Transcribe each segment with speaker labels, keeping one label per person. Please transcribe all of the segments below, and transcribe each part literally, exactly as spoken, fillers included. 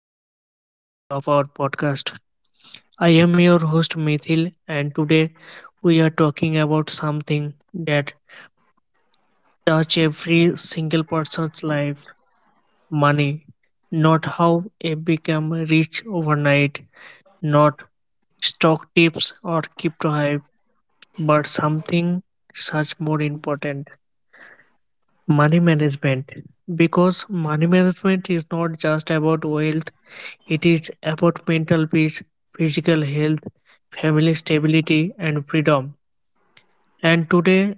Speaker 1: another episode of our podcast. I am your host, Mithil, and today we are talking about something that touch every single person's life money. Not how it become rich overnight, not stock tips or crypto hype, but something such more important money management. Because money management is not just about wealth. It is about mental peace, physical health, family stability, and freedom. And today's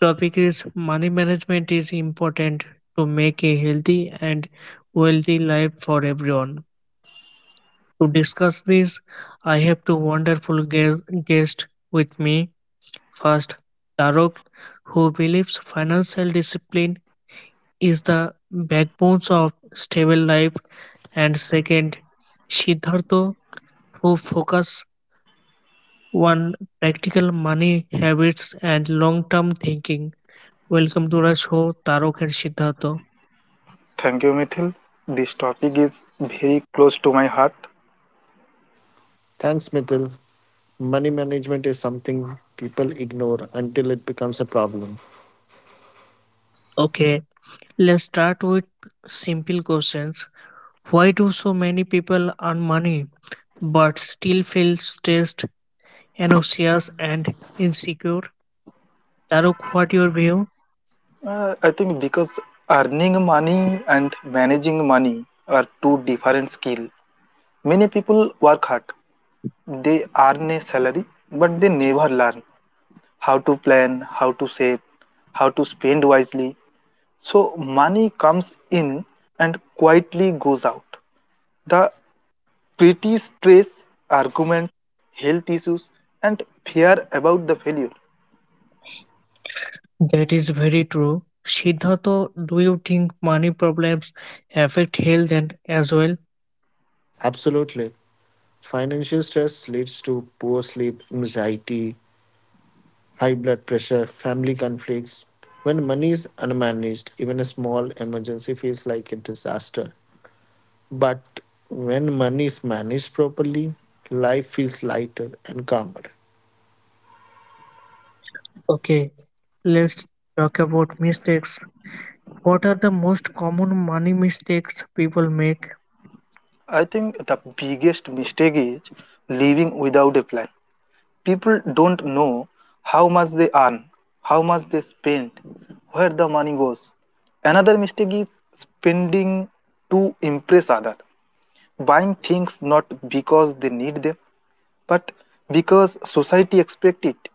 Speaker 1: topic is money management is important to make a healthy and wealthy life for everyone. To discuss this, I have two wonderful guest guests with me. First, Tarok, who believes financial discipline is the backbone of stable life, and second, Siddhartha, who focuses one practical money habits and long-term thinking. Welcome to our show, Tarok and Siddhartha.
Speaker 2: Thank you, Mithil. This topic is very close to my heart.
Speaker 3: Thanks, Mithil. Money management is something people ignore until it becomes a problem.
Speaker 1: Okay, let's start with simple questions. Why do so many people earn money but still feel stressed, anxious, and insecure? Tarok, what your view?
Speaker 2: Uh, I think because earning money and managing money are two different skills. Many people work hard. They earn a salary, but they never learn how to plan, how to save, how to spend wisely. So money comes in and quietly goes out. The petty stress, argument, health issues, and fear about the failure.
Speaker 1: That is very true. Siddhartha, do you think money problems affect health and as well?
Speaker 3: Absolutely. Financial stress leads to poor sleep, anxiety, high blood pressure, family conflicts. When money is unmanaged, even a small emergency feels like a disaster. But when money is managed properly, life feels lighter and calmer.
Speaker 1: Okay, let's talk about mistakes. What are the most common money mistakes people make?
Speaker 2: I think the biggest mistake is living without a plan. People don't know how much they earn, how much they spend, where the money goes. Another mistake is spending to impress others, buying things not because they need them, but because society expects it.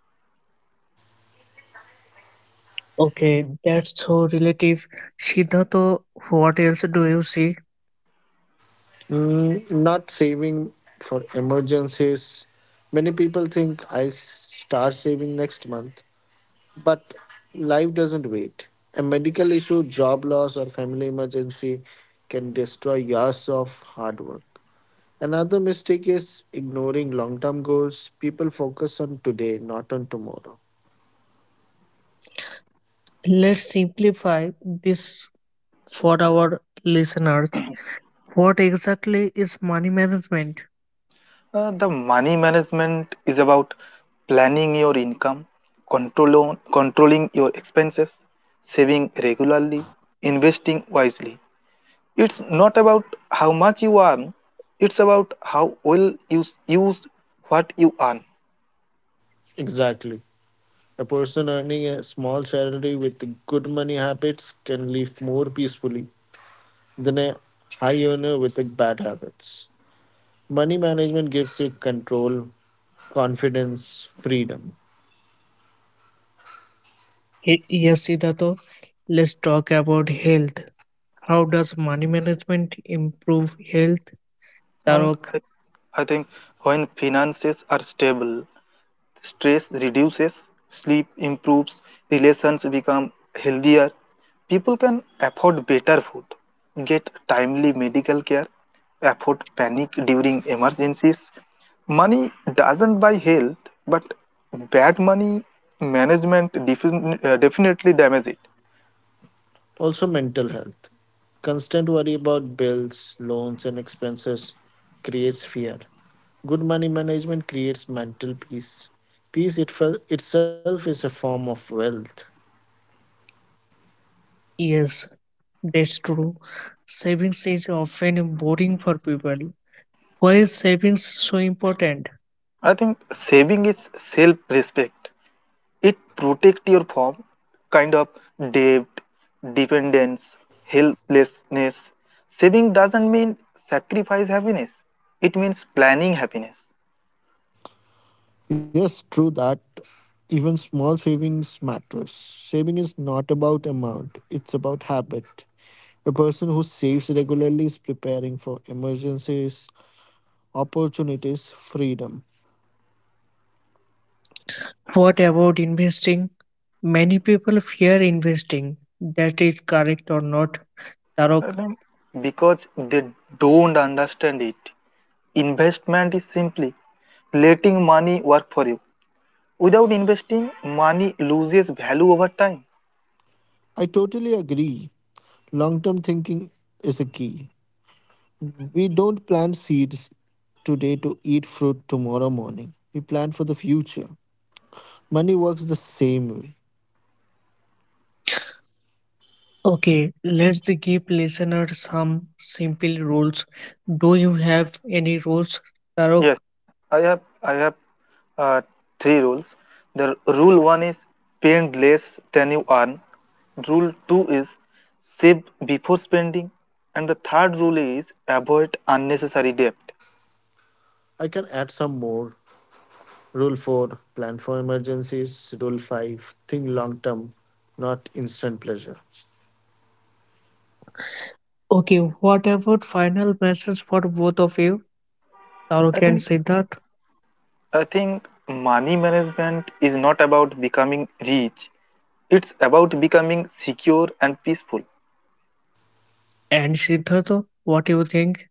Speaker 1: Okay, that's so relative. Siddhartha, what else do you see?
Speaker 3: Mm, not saving for emergencies. Many people think I start saving next month, but life doesn't wait. A medical issue, job loss, or family emergency can destroy years of hard work. Another mistake is ignoring long term goals. People focus on today, not on tomorrow.
Speaker 1: Let's simplify this for our listeners. What exactly is money management?
Speaker 2: Uh, the money management is about planning your income, control controlling your expenses, saving regularly, investing wisely. It's not about how much you earn, it's about how well you s- use what you earn.
Speaker 3: Exactly. A person earning a small salary with good money habits can live more peacefully than a high earner with bad habits. Money management gives you control, confidence, freedom.
Speaker 1: Ye- Yes, Siddhartha, let's talk about health. How does money management improve health?
Speaker 2: And
Speaker 1: Tarok,
Speaker 2: I, I think when finances are stable, stress reduces, sleep improves, relations become healthier. People can afford better food, get timely medical care, afford panic during emergencies. Money doesn't buy health, but bad money management defin- uh, definitely damages it.
Speaker 3: Also, mental health. Constant worry about bills, loans, and expenses creates fear. Good money management creates mental peace. Peace itf- itself is a form of wealth.
Speaker 1: yes, that's true. Savings is often boring for people. Why is savings so important?
Speaker 2: I think saving is self respect. It protect your from kind of debt, dependence, helplessness. Saving doesn't mean sacrifice happiness, it means planning happiness.
Speaker 3: Yes, true that. Even small savings matters. Saving is not about amount, it's about habit. A person who saves regularly is preparing for emergencies, opportunities, freedom.
Speaker 1: What about investing? Many people fear investing that is correct or not.
Speaker 2: I
Speaker 1: Tarok.
Speaker 2: think because they don't understand it, investment is simply letting money work for you. Without investing, money loses value over time.
Speaker 3: I totally agree. Long term thinking is a key. We don't plant seeds today to eat fruit tomorrow morning. We plan for the future. Money works the same way.
Speaker 1: Okay, let's give listeners some simple rules. Do you have any rules, Tarok?
Speaker 2: Yes, I have I have uh, three rules. The rule one is spend less than you earn. Rule two is save before spending, and the third rule is avoid unnecessary debt.
Speaker 3: I can add some more. Rule four, plan for emergencies. Rule five, think long term, not instant pleasure.
Speaker 1: Okay, what about final message for both of you,
Speaker 2: I
Speaker 1: Tarok and
Speaker 2: think
Speaker 1: Siddharth?
Speaker 2: I think money management is not about becoming rich. It's about becoming secure and peaceful.
Speaker 1: And Siddharth, what do you think?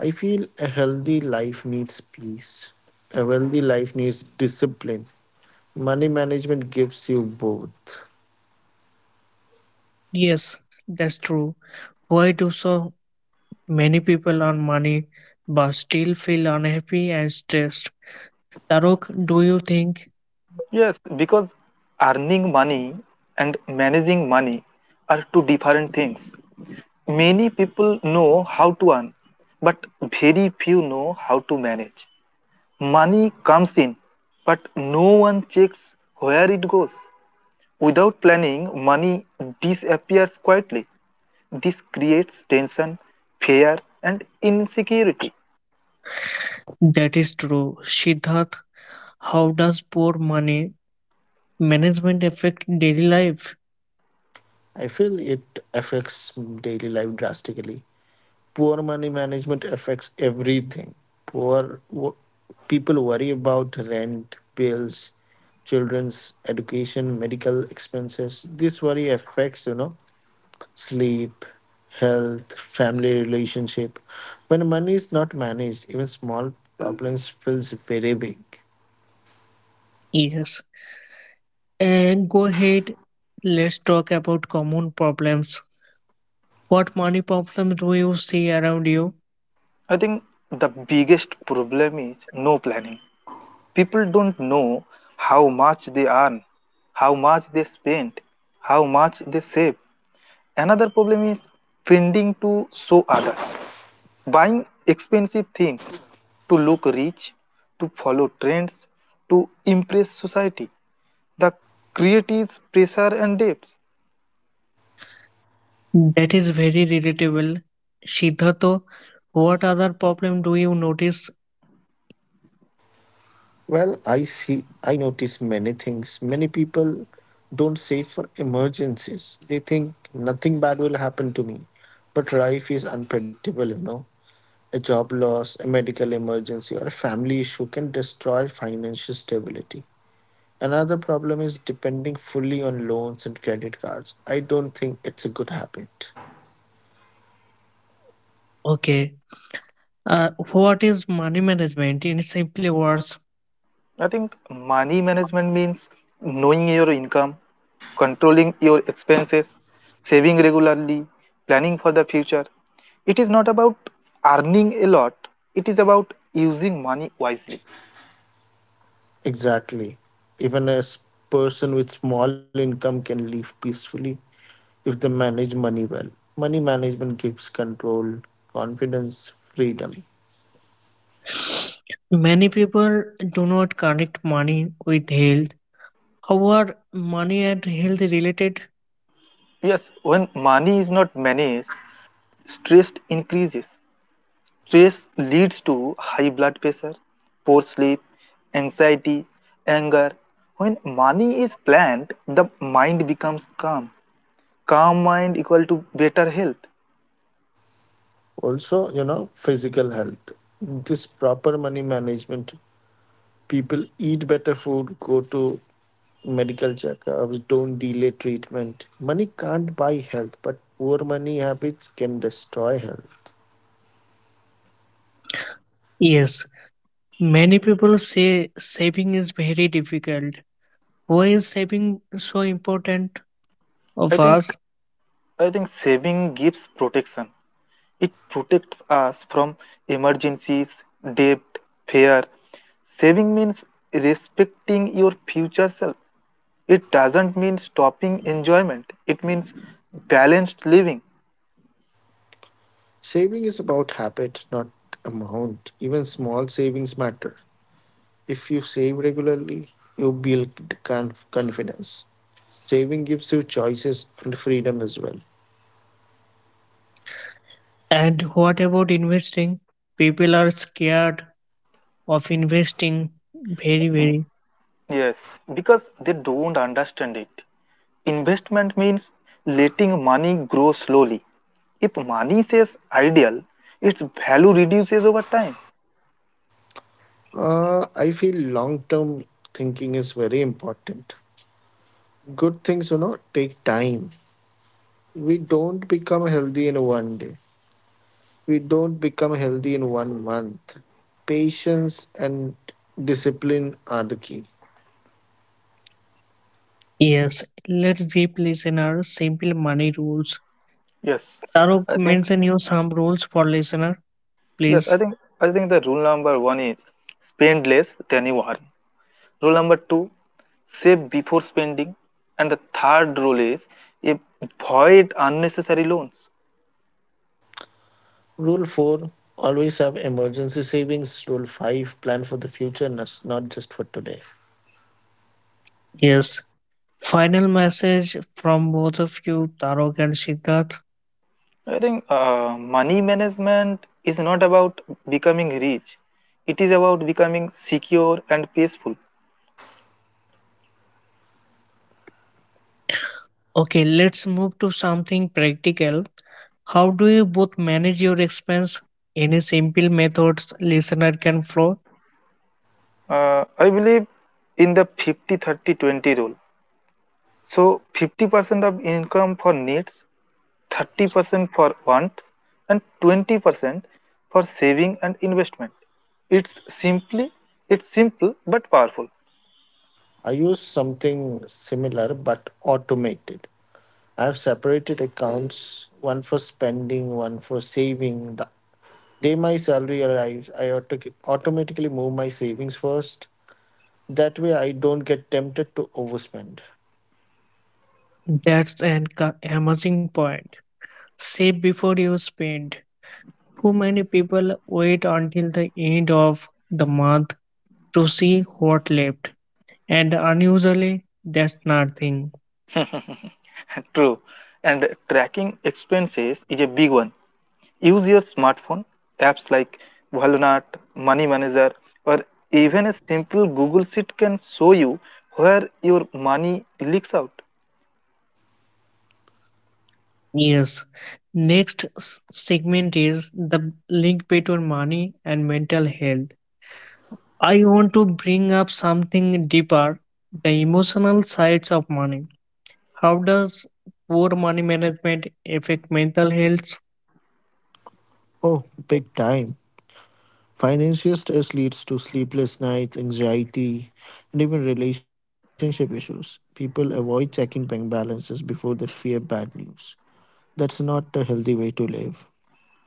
Speaker 3: I feel a healthy life needs peace, a wealthy life needs discipline. Money management gives you both.
Speaker 1: Yes, that's true. Why do so many people earn money but still feel unhappy and stressed? Tarok, do you think.
Speaker 2: Yes, because earning money and managing money are two different things. Many people know how to earn, but very few know how to manage. Money comes in, but no one checks where it goes. Without planning, money disappears quietly. This creates tension, fear, and insecurity.
Speaker 1: That is true. Siddharth, how does poor money management affect daily life?
Speaker 3: I feel it affects daily life drastically. Poor money management affects everything. Poor wo- People worry about rent, bills, children's education, medical expenses. This worry affects, you know, sleep, health, family relationship. When money is not managed, even small problems feels very big.
Speaker 1: Yes. And go ahead, let's talk about common problems. What money problems do you see around you?
Speaker 2: I think the biggest problem is no planning. People don't know how much they earn, how much they spend, how much they save. Another problem is pretending to show others, buying expensive things to look rich, to follow trends, to impress society. The creative pressure and debts.
Speaker 1: That is very relatable. Siddharth, what other problem do you notice?
Speaker 3: Well, I see, I notice many things. Many people don't save for emergencies. They think nothing bad will happen to me. But life is unpredictable, you know. A job loss, a medical emergency, or a family issue can destroy financial stability. Another problem is depending fully on loans and credit cards. I don't think it's a good habit.
Speaker 1: Okay. Uh, what is money management in simply words?
Speaker 2: I think money management means knowing your income, controlling your expenses, saving regularly, planning for the future. It is not about earning a lot, it is about using money wisely.
Speaker 3: Exactly. Even a s- person with small income can live peacefully if they manage money well. Money management gives control, confidence, freedom.
Speaker 1: Many people do not connect money with health. How are money and health related?
Speaker 2: Yes, when money is not managed, stress increases. Stress leads to high blood pressure, poor sleep, anxiety, anger. When money is planned, the mind becomes calm. Calm mind equal to better health.
Speaker 3: Also, you know, physical health. This proper money management, people eat better food, go to medical checkups, don't delay treatment. Money can't buy health, but poor money habits can destroy health.
Speaker 1: Yes, many people say saving is very difficult. Why is saving so important
Speaker 2: I
Speaker 1: of
Speaker 2: think
Speaker 1: us?
Speaker 2: I think saving gives protection. It protects us from emergencies, debt, fear. Saving means respecting your future self. It doesn't mean stopping enjoyment. It means balanced living.
Speaker 3: Saving is about habit, not amount. Even small savings matter. If you save regularly, you build conf- confidence. Saving gives you choices and freedom as well.
Speaker 1: And what about investing? People are scared of investing very, very.
Speaker 2: Yes, because they don't understand it. Investment means letting money grow slowly. If money says ideal, its value reduces over time.
Speaker 3: Uh, I feel long term thinking is very important. Good things, you know, take time. We don't become healthy in one day, we don't become healthy in one month. Patience and discipline are the key.
Speaker 1: Yes, let's give listener simple money rules.
Speaker 2: Yes,
Speaker 1: Tarok,
Speaker 2: I think
Speaker 1: mention you some rules for listener,
Speaker 2: Yes,
Speaker 1: please.
Speaker 2: I think I think the rule number one is spend less than you earn. Rule number two, save before spending, and the third rule is if- avoid unnecessary loans.
Speaker 3: Rule four, always have emergency savings. Rule five, plan for the future, nas- not just for today.
Speaker 1: Yes. Final message from both of you, Tarok and Siddharth.
Speaker 2: I think uh, money management is not about becoming rich; it is about becoming secure and peaceful.
Speaker 1: Okay, let's move to something practical. How do you both manage your expense? Any simple methods listener can follow?
Speaker 2: Uh, I believe in the fifty thirty-twenty rule. So fifty percent of income for needs, thirty percent for wants, and twenty percent for saving and investment. It's simply it's simple but powerful.
Speaker 3: I use something similar but automated. I have separated accounts, one for spending, one for saving. The day my salary arrives, I auto- automatically move my savings first. That way, I don't get tempted to overspend.
Speaker 1: That's an co- amazing point. Save before you spend. Too many people wait until the end of the month to see what left, and unusually, that's nothing.
Speaker 2: True. And tracking expenses is a big one. Use your smartphone, apps like Walnut, Money Manager, or even a simple Google Sheet can show you where your money leaks out.
Speaker 1: Yes. Next s- segment is the link between money and mental health. I want to bring up something deeper the emotional sides of money. How does poor money management affect mental health?
Speaker 3: Oh, big time. Financial stress leads to sleepless nights, anxiety, and even relationship issues. People avoid checking bank balances before they fear bad news. That's not a healthy way to live.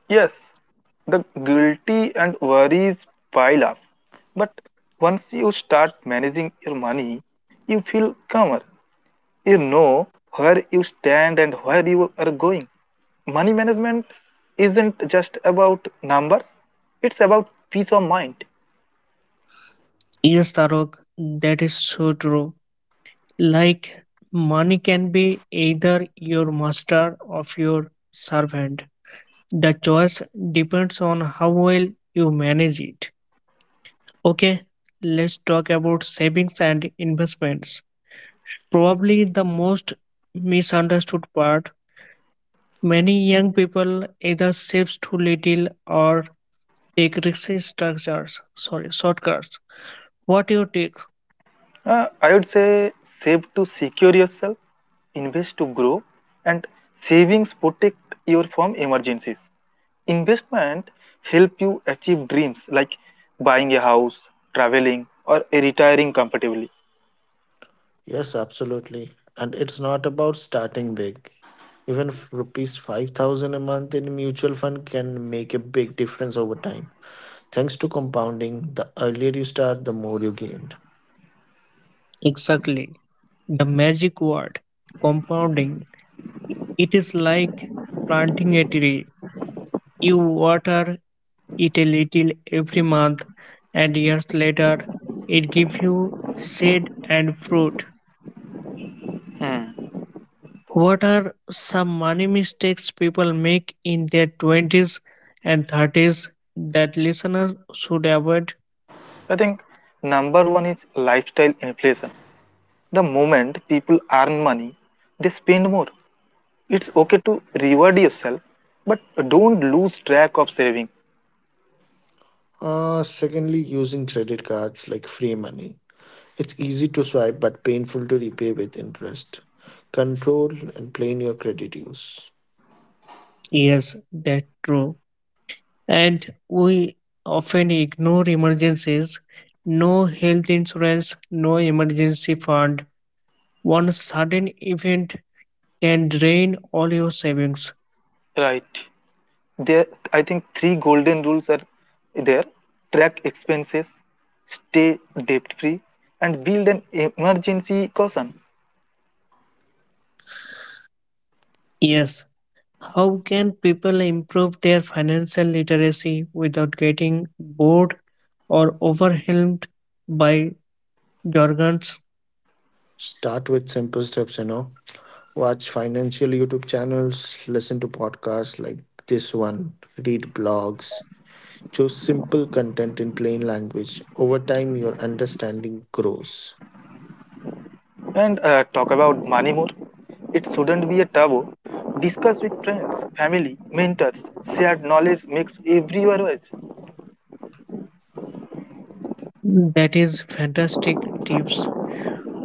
Speaker 2: Yes, the guilty and worries pile up. But once you start managing your money, you feel calmer. You know where you stand and where you are going. Money management isn't just about numbers, it's about peace of mind.
Speaker 1: Yes, Tarok, that is so true. Like, money can be either your master or your servant. The choice depends on how well you manage it. Okay, let's talk about savings and investments. Probably the most misunderstood part. Many young people either save too little or take risky structures, sorry, shortcuts. What you take
Speaker 2: Uh, I would say save to secure yourself, invest to grow, and savings protect your from emergencies. Investment help you achieve dreams like buying a house, traveling, or retiring comfortably.
Speaker 3: Yes, absolutely. And it's not about starting big. Even f- rupees five thousand a month in mutual fund can make a big difference over time. Thanks to compounding, the earlier you start, the more you gain.
Speaker 1: exactly? The magic word, compounding. It is like planting a tree. You water it a little every month, and years later, it gives you seed and fruit.
Speaker 2: Hmm.
Speaker 1: What are some money mistakes people make in their twenties and thirties that listeners should avoid?
Speaker 2: I think number one is lifestyle inflation. The moment people earn money, they spend more. It's okay to reward yourself, but don't lose track of saving.
Speaker 3: Uh, secondly, using credit cards like free money. It's easy to swipe but painful to repay with interest. Control and plan your credit use.
Speaker 1: Yes, that's true. And we often ignore emergencies. No health insurance, no emergency fund. One sudden event can drain all your savings.
Speaker 2: Right. there I think three golden rules are there: track expenses, stay debt free, and build an emergency caution.
Speaker 1: Yes. How can people improve their financial literacy without getting bored or overwhelmed by Jorgens,
Speaker 3: Start with simple steps, you know. Watch financial YouTube channels, listen to podcasts like this one, read blogs. Choose simple content in plain language. Over time, your understanding grows.
Speaker 2: And uh, Talk about money more. It shouldn't be a taboo. Discuss with friends, family, mentors. Shared knowledge makes everywhere wise.
Speaker 1: that is fantastic tips.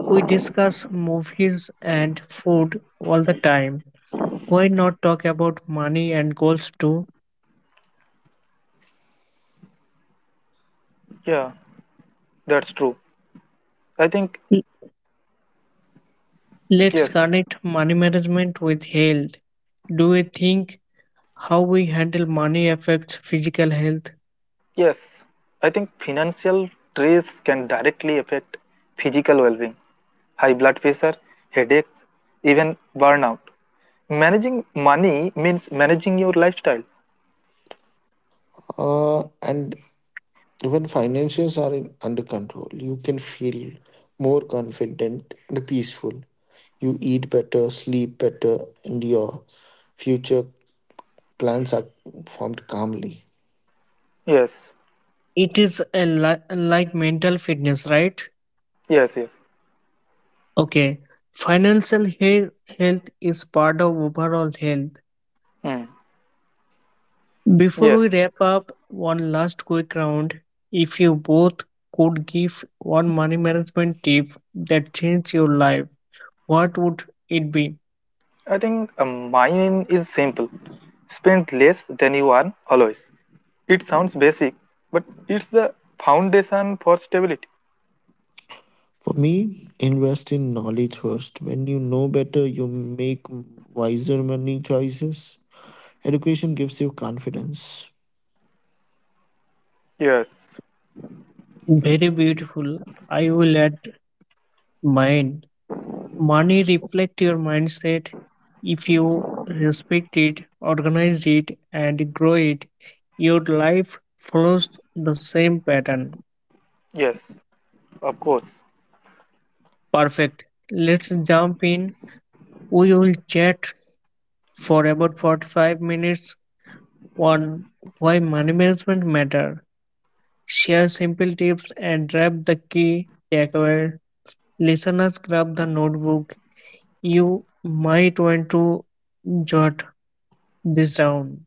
Speaker 1: We discuss movies and food all the time. Why not talk about money and goals too?
Speaker 2: yeah that's true i think
Speaker 1: L- Let's
Speaker 2: yes
Speaker 1: connect money management with health. Do we think how we handle money affects physical health?
Speaker 2: Yes, I think financial stress can directly affect physical well being, high blood pressure, headaches, even burnout. Managing money means managing your lifestyle.
Speaker 3: Uh, and when financials are in, under control, you can feel more confident and peaceful. You eat better, sleep better, and your future plans are formed calmly.
Speaker 2: Yes,
Speaker 1: It is a li- like mental fitness, right?
Speaker 2: yes, yes.
Speaker 1: Okay. Financial he- health is part of overall health.
Speaker 2: Mm.
Speaker 1: Before
Speaker 2: Yes,
Speaker 1: we wrap up, one last quick round. If you both could give one money management tip that changed your life, what would it be?
Speaker 2: I think uh, mine is simple: spend less than you earn always. It sounds basic, but it's the foundation for stability.
Speaker 3: For me, invest in knowledge first. When you know better, you make wiser money choices. Education gives you confidence.
Speaker 2: Yes,
Speaker 1: Very beautiful. I will add mine. Money reflect your mindset. If you respect it, organize it, and grow it, your life follows the same pattern.
Speaker 2: yes, of course.
Speaker 1: Perfect. Let's jump in. We will chat for about forty-five minutes. One, why money management matter. Share simple tips and drop the key takeaway. Listeners grab the notebook. You might want to jot this down.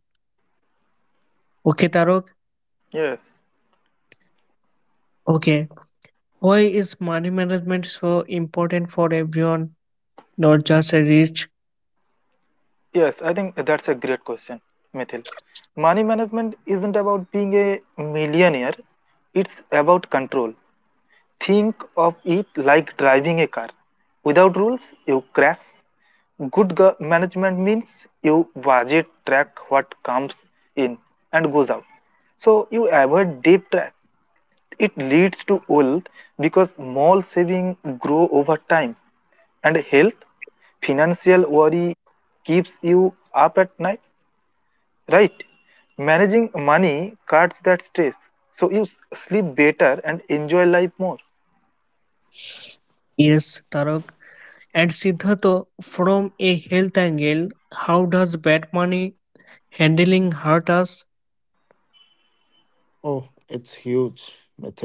Speaker 1: Okay, Tarok?
Speaker 2: Yes.
Speaker 1: Okay. Why is money management so important for everyone, not just the rich?
Speaker 2: Yes, I think that's a great question, Mithil. Money management isn't about being a millionaire, it's about control. Think of it like driving a car. Without rules, you crash. Good go- management means you budget, track what comes in and goes out. So you avoid deep trap. It leads to wealth because small savings grow over time. And health, financial worry keeps you up at night, right? Managing money cuts that stress. So you s- sleep better and enjoy life more.
Speaker 1: Yes, Tarok. And Siddharth, from a health angle, how does bad money handling hurt us?
Speaker 3: Oh, it's huge, Mithil.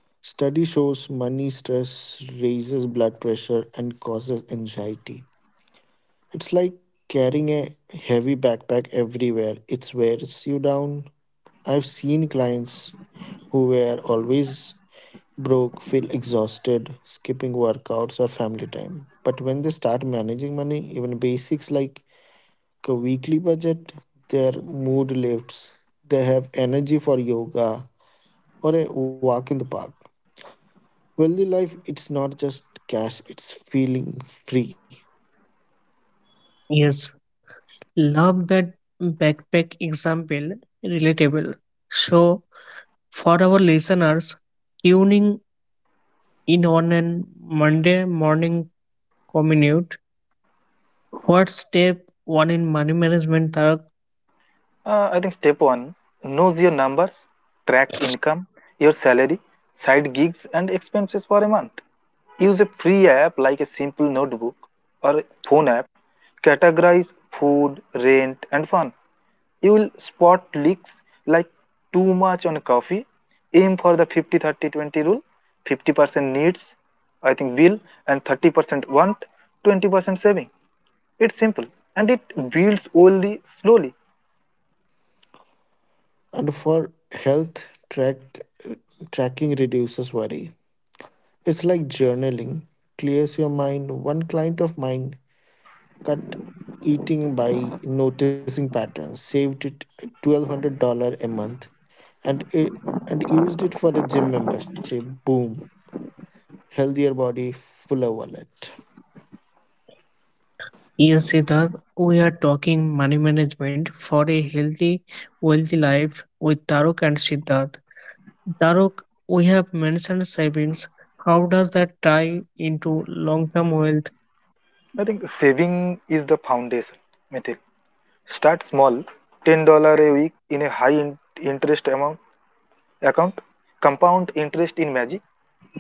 Speaker 3: Study shows money stress raises blood pressure and causes anxiety. It's like carrying a heavy backpack everywhere, it wears you down. I've seen clients who were always broke feel exhausted, skipping workouts or family time. But when they start managing money, even basics like a weekly budget, their mood lifts, they have energy for yoga or a walk in the park. Wealthy life, it's not just cash, it's feeling free.
Speaker 1: Yes, love that backpack example, relatable. So, for our listeners tuning in on a Monday morning commute, what step one in money management, Tarak?
Speaker 2: Uh, I think step one knows your numbers, track income, your salary, side gigs, and expenses for a month. Use a free app like a simple notebook or a phone app. Categorize food, rent, and fun. You will spot leaks like too much on coffee. Aim for the fifty thirty twenty rule: fifty percent needs, I think, bill, and thirty percent want, twenty percent saving. It's simple and it builds only slowly.
Speaker 3: And for health, track tracking reduces worry. It's like journaling, clears your mind. One client of mine cut eating by noticing patterns, saved it twelve hundred dollars a month, and, it, and used it for a gym membership. Boom. Healthier body, fuller wallet.
Speaker 1: Yes, Siddharth, we are talking money management for a healthy, wealthy life with Taruk and Siddharth. Taruk, we have mentioned savings. How does that tie into long term wealth?
Speaker 2: I think saving is the foundation method. Start small, ten dollars a week in a high in- interest amount account. Compound interest in magic.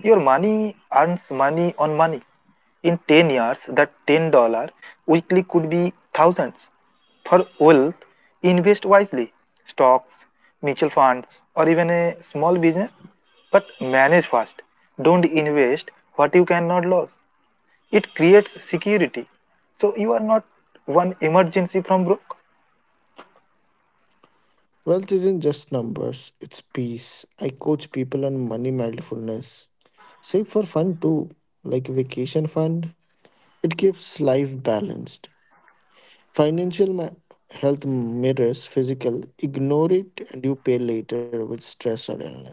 Speaker 2: Your money earns money on money. In ten years, that ten dollars weekly could be thousands. For wealth, invest wisely: stocks, mutual funds, or even a small business. But manage fast. Don't invest what you cannot lose. It creates security. So you are not one emergency from broke.
Speaker 3: Wealth isn't just numbers, it's peace. I coach people on money mindfulness. Save for fun too, like vacation fund. It keeps life balanced. Financial ma- Health mirrors physical. Ignore it and you pay later with stress or illness.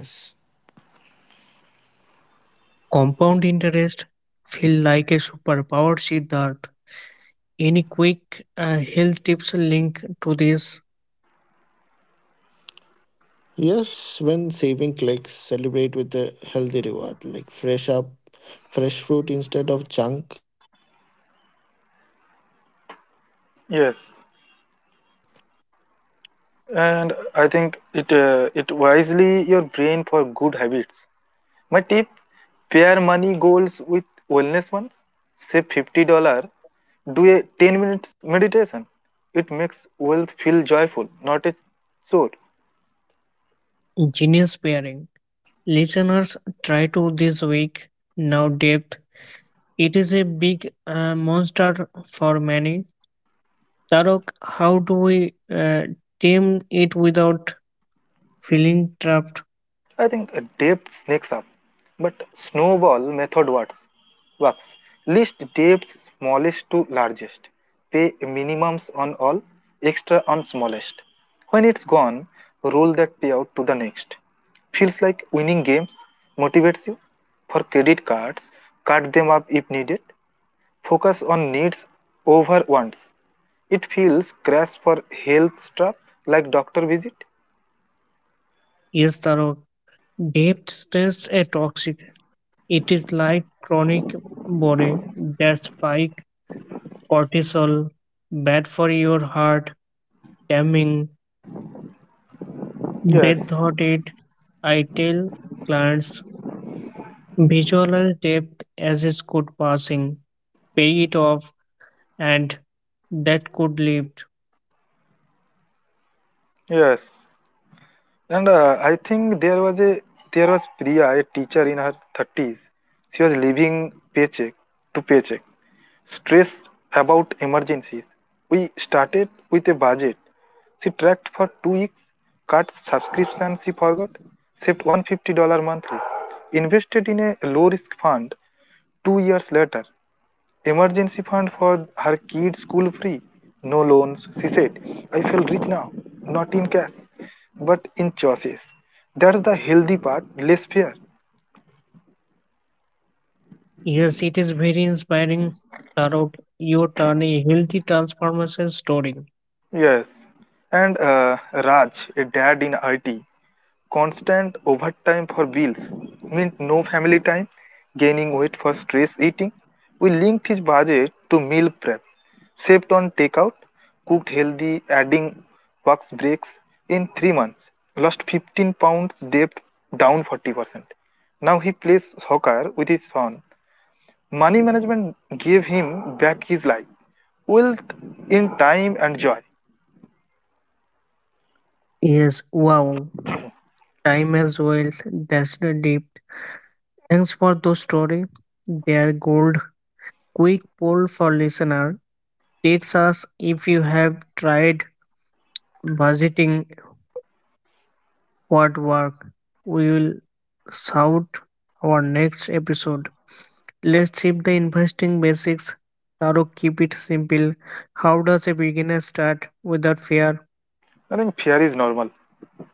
Speaker 1: Compound interest feel like a superpower see that any quick uh, health tips link to this
Speaker 3: Yes, when saving clicks, celebrate with a healthy reward like fresh up, fresh fruit instead of junk,
Speaker 2: Yes, and I think it uh, It wisely your brain for good habits. My tip: pair money goals with wellness ones. Say fifty dollar. Do a ten minutes meditation. It makes wealth feel joyful, not a chore.
Speaker 1: genius pairing. Listeners try to this week now debt. It is a big uh, monster for many. Tarok, how do we uh, tame it without feeling trapped?
Speaker 2: I think a depth sneaks up, but snowball method works. Works. List depths smallest to largest. Pay minimums on all, extra on smallest. When it's gone, roll that payout to the next. Feels like winning games, motivates you. For credit cards, cut them up if needed. Focus on needs over wants. It feels crash for health strap like doctor visit.
Speaker 1: Yes, Tarok. Debt stress is toxic. It is like chronic body that spike cortisol, bad for your heart, damning. They
Speaker 2: Yes,
Speaker 1: thought it. I tell clients visualize depth as is good passing, pay it off, and that could lift.
Speaker 2: yes. And uh, I think there was a there was Priya, a teacher in her thirties. She was living paycheck to paycheck, stressed about emergencies. We started with a budget. She tracked for two weeks, cut subscription she forgot, saved one hundred fifty dollars monthly, invested in a low risk fund two years later. Emergency fund for her kids' school free. No loans, she said. I feel rich now, not in cash, but in choices. That's the healthy part, less fear.
Speaker 1: Yes, it is very inspiring. Tarot, you turn a healthy transformation story.
Speaker 2: Yes. And uh, Raj, a dad in I T, constant overtime for bills meant no family time, gaining weight for stress eating. We linked his budget to meal prep, saved on takeout, cooked healthy, adding work breaks in three months, lost fifteen pounds, debt down forty percent. Now he plays soccer with his son. Money management gave him back his life, wealth in time and joy.
Speaker 1: Yes, wow. Time as wealth. That's the depth. Thanks for those story. They are gold. Quick poll for listener. Takes us if you have tried budgeting what work. We will shout our next episode. Let's shift the investing basics. Taro, keep it simple. How does a beginner start without fear?
Speaker 2: I think fear is normal.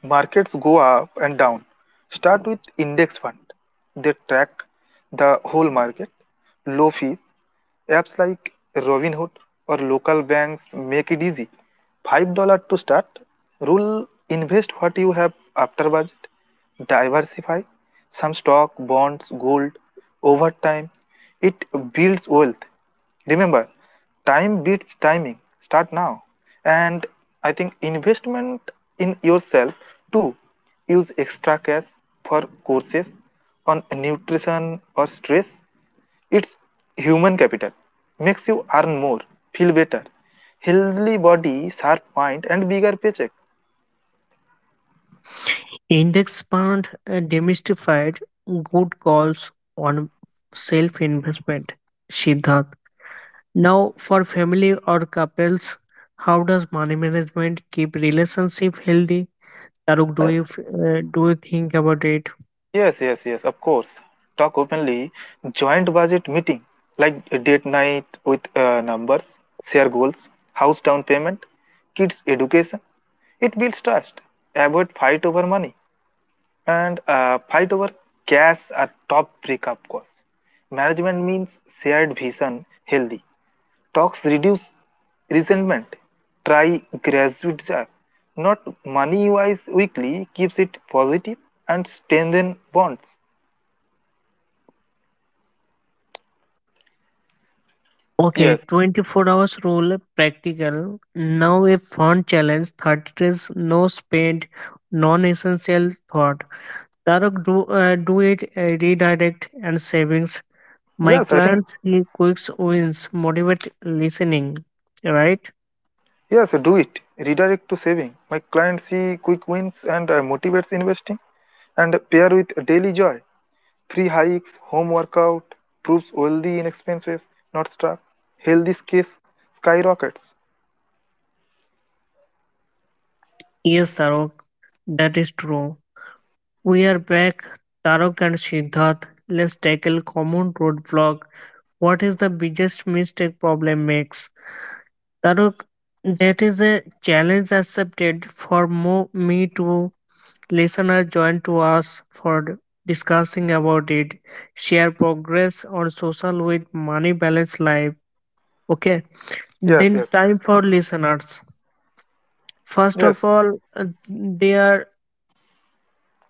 Speaker 2: Markets go up and down. Start with index fund. They track the whole market. Low fees. Apps like Robinhood or local banks make it easy. five dollars to start. Rule invest what you have after budget. Diversify. Some stock, bonds, gold. Over time, it builds wealth. Remember, time beats timing. Start now. And I think investment in yourself too. Use extra cash for courses on nutrition or stress. It's human capital. Makes you earn more, feel better, healthy body, sharp mind, and bigger paycheck.
Speaker 1: Index fund uh, demystified good calls on self investment. Siddharth. Now, for family or couples, how does money management keep relationship healthy? Taruk, do
Speaker 2: Uh,
Speaker 1: you f- uh, do you think about it?
Speaker 2: Yes, yes, yes, of course. Talk openly, joint budget meeting, like a date night with uh, numbers, share goals, house down payment, kids' education. It builds trust. Avoid fight over money and uh, fight over cash are top breakup cause. Management means shared vision, healthy. Talks reduce resentment. Try graduate jar. Not money wise weekly keeps it positive and strengthen bonds.
Speaker 1: Okay,
Speaker 2: Yes,
Speaker 1: twenty-four hours rule practical. Now a fun challenge thirty days no spend non-essential thought. Taruk, do uh, do it uh, redirect and savings. My
Speaker 2: yes, I think
Speaker 1: clients he quicks wins motivate listening. Right?
Speaker 2: yes, do it. Redirect to saving. My clients see quick wins and uh, motivates investing and pair with daily joy. Free hikes, home workout, proves wealthy in expenses, not stuck. Healthy case skyrockets.
Speaker 1: Yes, Taruk, that is true. We are back, Taruk and Siddharth. Let's tackle common roadblock. What is the biggest mistake problem makes? Taruk, that is a challenge accepted for mo- me to listener join to us for discussing about it. Share progress on social with money balance life. Okay.
Speaker 2: Yes,
Speaker 1: Then
Speaker 2: yes,
Speaker 1: time for listeners. First
Speaker 2: yes.
Speaker 1: of all, uh, they are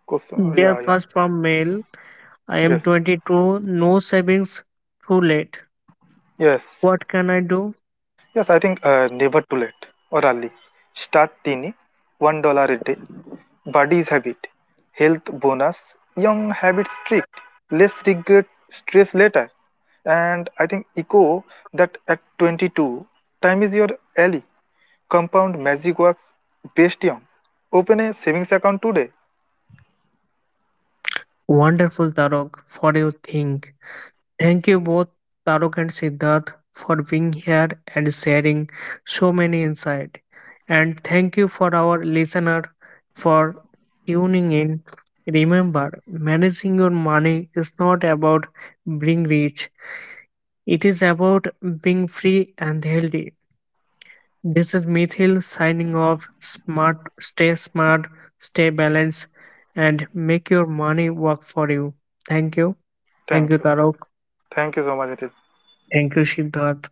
Speaker 2: Question.
Speaker 1: they are
Speaker 2: Yeah, yeah.
Speaker 1: first from mail. I am
Speaker 2: Yes,
Speaker 1: twenty-two. No savings. Too late.
Speaker 2: yes.
Speaker 1: What can I do?
Speaker 2: Yes, I think uh, Never too late or early. Start teeny, one dollar a day. Body's habit, health bonus, young habits strict, less regret, stress later. And I think echo that at twenty-two, time is your ally. Compound magic works best young. Open a savings account today.
Speaker 1: Wonderful, Tarok, for your thing. Thank you both, Tarok and Siddharth, for being here and sharing so many insight. And thank you for our listener for tuning in. Remember, managing your money is not about being rich. It is about being free and healthy. This is Mithil signing off. Smart, stay smart, stay balanced, and make your money work for you. Thank you. Thank you,
Speaker 2: Thank you.
Speaker 1: Tarok.
Speaker 2: Thank you so much, Aditya.
Speaker 1: Thank you, Siddharth.